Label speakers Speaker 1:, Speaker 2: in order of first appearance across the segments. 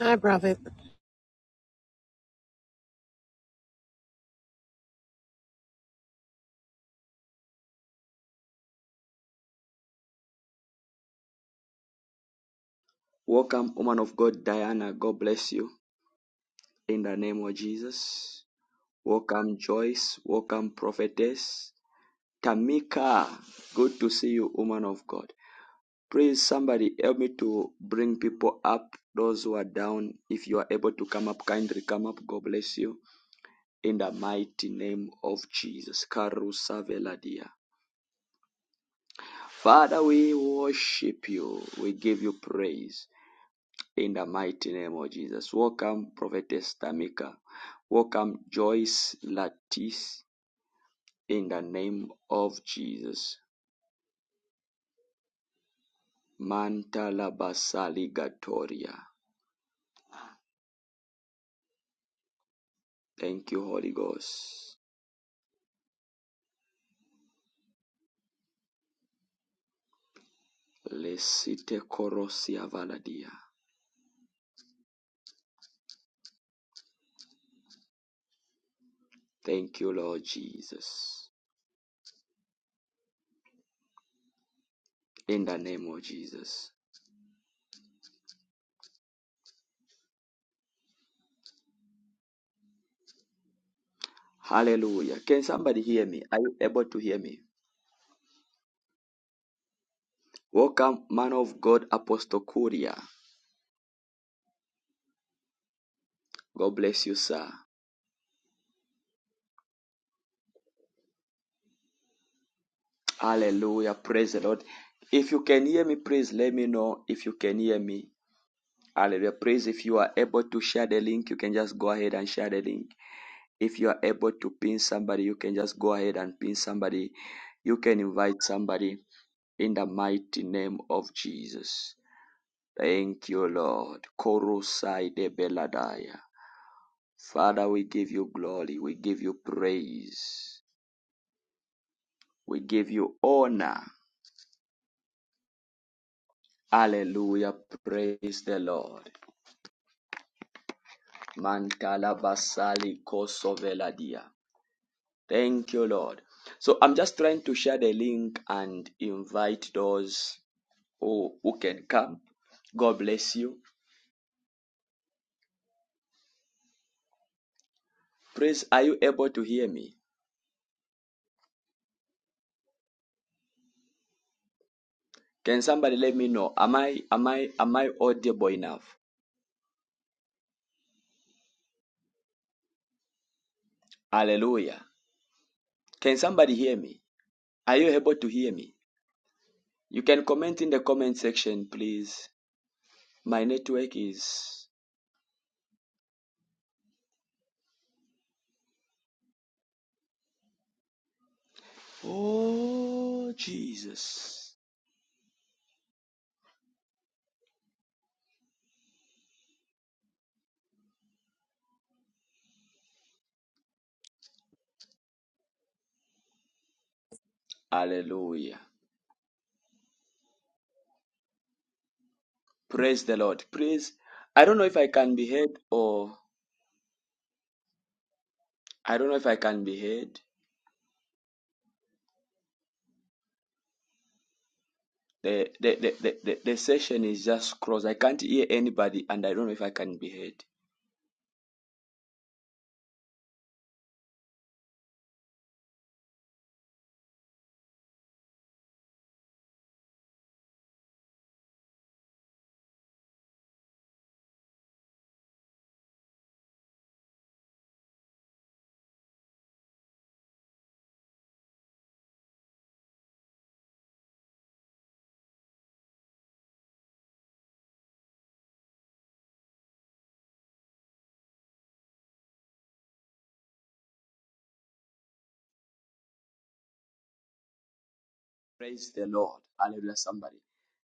Speaker 1: Hi, Prophet.
Speaker 2: Welcome, woman of God, Diana. God bless you in the name of Jesus. Welcome, Joyce. Welcome, prophetess. Tamika, good to see you, woman of God. Please, somebody help me to bring people up, those who are down. If you are able to come up, kindly come up. God bless you in the mighty name of Jesus. Karusa Veladia. Father, we worship you. We give you praise. In the mighty name of Jesus. Welcome, Prophetess Tamika. Welcome, Joyce Latis. In the name of Jesus. Mantala basali gatoria. Thank you, Holy Ghost. Lesite korosia valadia. Thank you, Lord Jesus. In the name of Jesus. Hallelujah. Can somebody hear me? Are you able to hear me? Welcome, man of God, Apostle Kuria. God bless you, sir. Hallelujah. Praise the Lord. If you can hear me, please let me know if you can hear me. Hallelujah. Praise if you are able to share the link, you can just go ahead and share the link. If you are able to pin somebody, you can just go ahead and pin somebody. You can invite somebody in the mighty name of Jesus. Thank you, Lord. Korosai de Beladaya. Father, we give you glory. We give you praise. We give you honor. Hallelujah. Praise the Lord. Mantala basali kosoveladia. Thank you, Lord. So I'm just trying to share the link and invite those who, who can come. God bless you. Praise, are you able to hear me? Can somebody let me know? Am I am I am I audible enough? Hallelujah. Can somebody hear me? Are you able to hear me? You can comment in the comment section, please. My network is Oh, Jesus. Hallelujah. Praise the Lord. Praise. I don't know if I can be heard or I don't know if I can be heard. The, the, the, the, the, the session is just crossed. I can't hear anybody and I don't know if I can be heard. Praise the Lord. Hallelujah, somebody.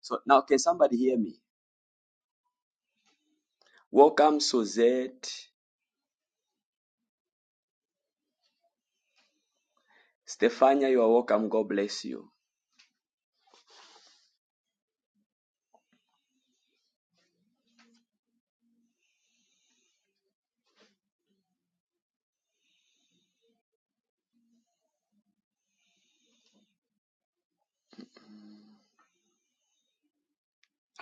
Speaker 2: So now, can somebody hear me? Welcome, Suzette. Stefania, you are welcome. God bless you.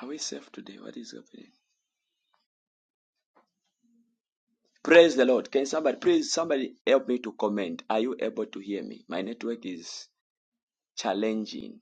Speaker 2: Are we safe today? What is happening? Praise the Lord. Can somebody, please, somebody help me to comment? Are you able to hear me? My network is challenging.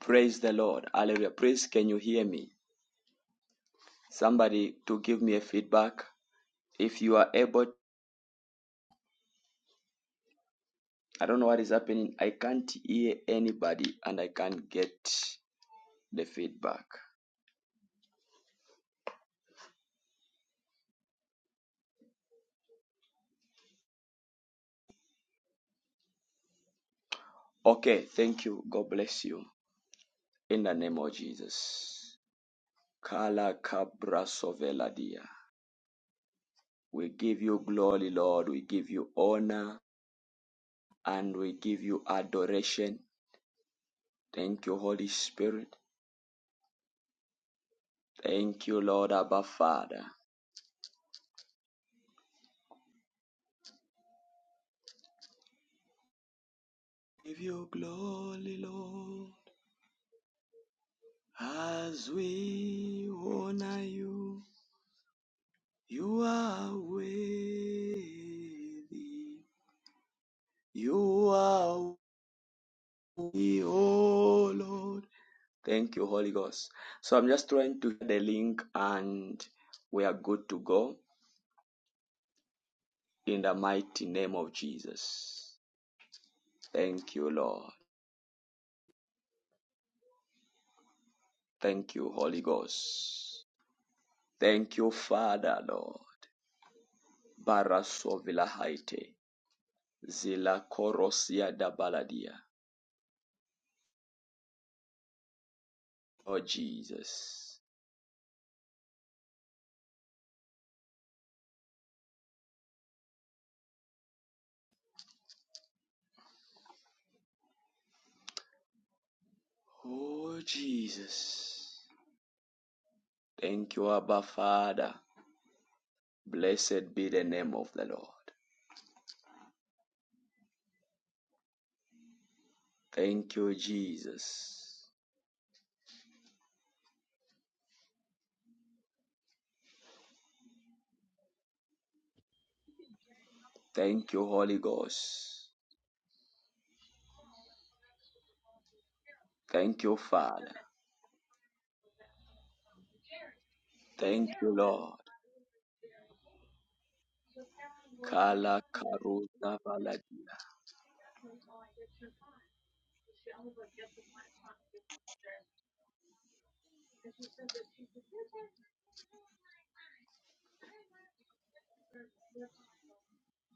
Speaker 2: Praise the Lord. Hallelujah. Praise, can you hear me? Somebody to give me a feedback. If you are able, I don't know what is happening. I can't hear anybody and I can't get the feedback. Okay, thank you. God bless you. In the name of Jesus. Kala kabra sovela We give you glory, Lord. We give you honor. and we give you adoration. Thank you, Holy Spirit. Thank you, Lord Abba Father. Give you glory, Lord, as we honor you. You are worthy. You are worthy, oh Lord. Thank you, Holy Ghost. So I'm just trying to get the link and we are good to go in the mighty name of Jesus. Thank you, Lord. Thank you, Holy Ghost. Thank you, Father, Lord. Barasovila Barasovilahaite. Zila korosia da baladia. Oh, Jesus. Oh, Jesus. Thank you, Abba, Father. Blessed be the name of the Lord. Thank you, Jesus. Thank you, Holy Ghost. Thank you, Father.
Speaker 3: Jerry, so
Speaker 2: Thank you,
Speaker 3: Carol and
Speaker 2: Lord.
Speaker 3: so Carol will hang
Speaker 2: Kala
Speaker 3: on to it. Hang on
Speaker 2: karuza baladi.
Speaker 3: to it while I get your time. She always gets the right time. And she said that she's a teacher.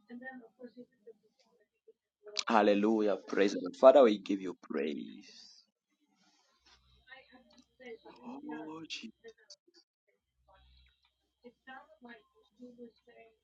Speaker 3: And then of course he took the phone and he did a little.
Speaker 2: Hallelujah. Praise the Lord. Father, we give you praise. Oh, Jesus.
Speaker 3: It sounded like he was saying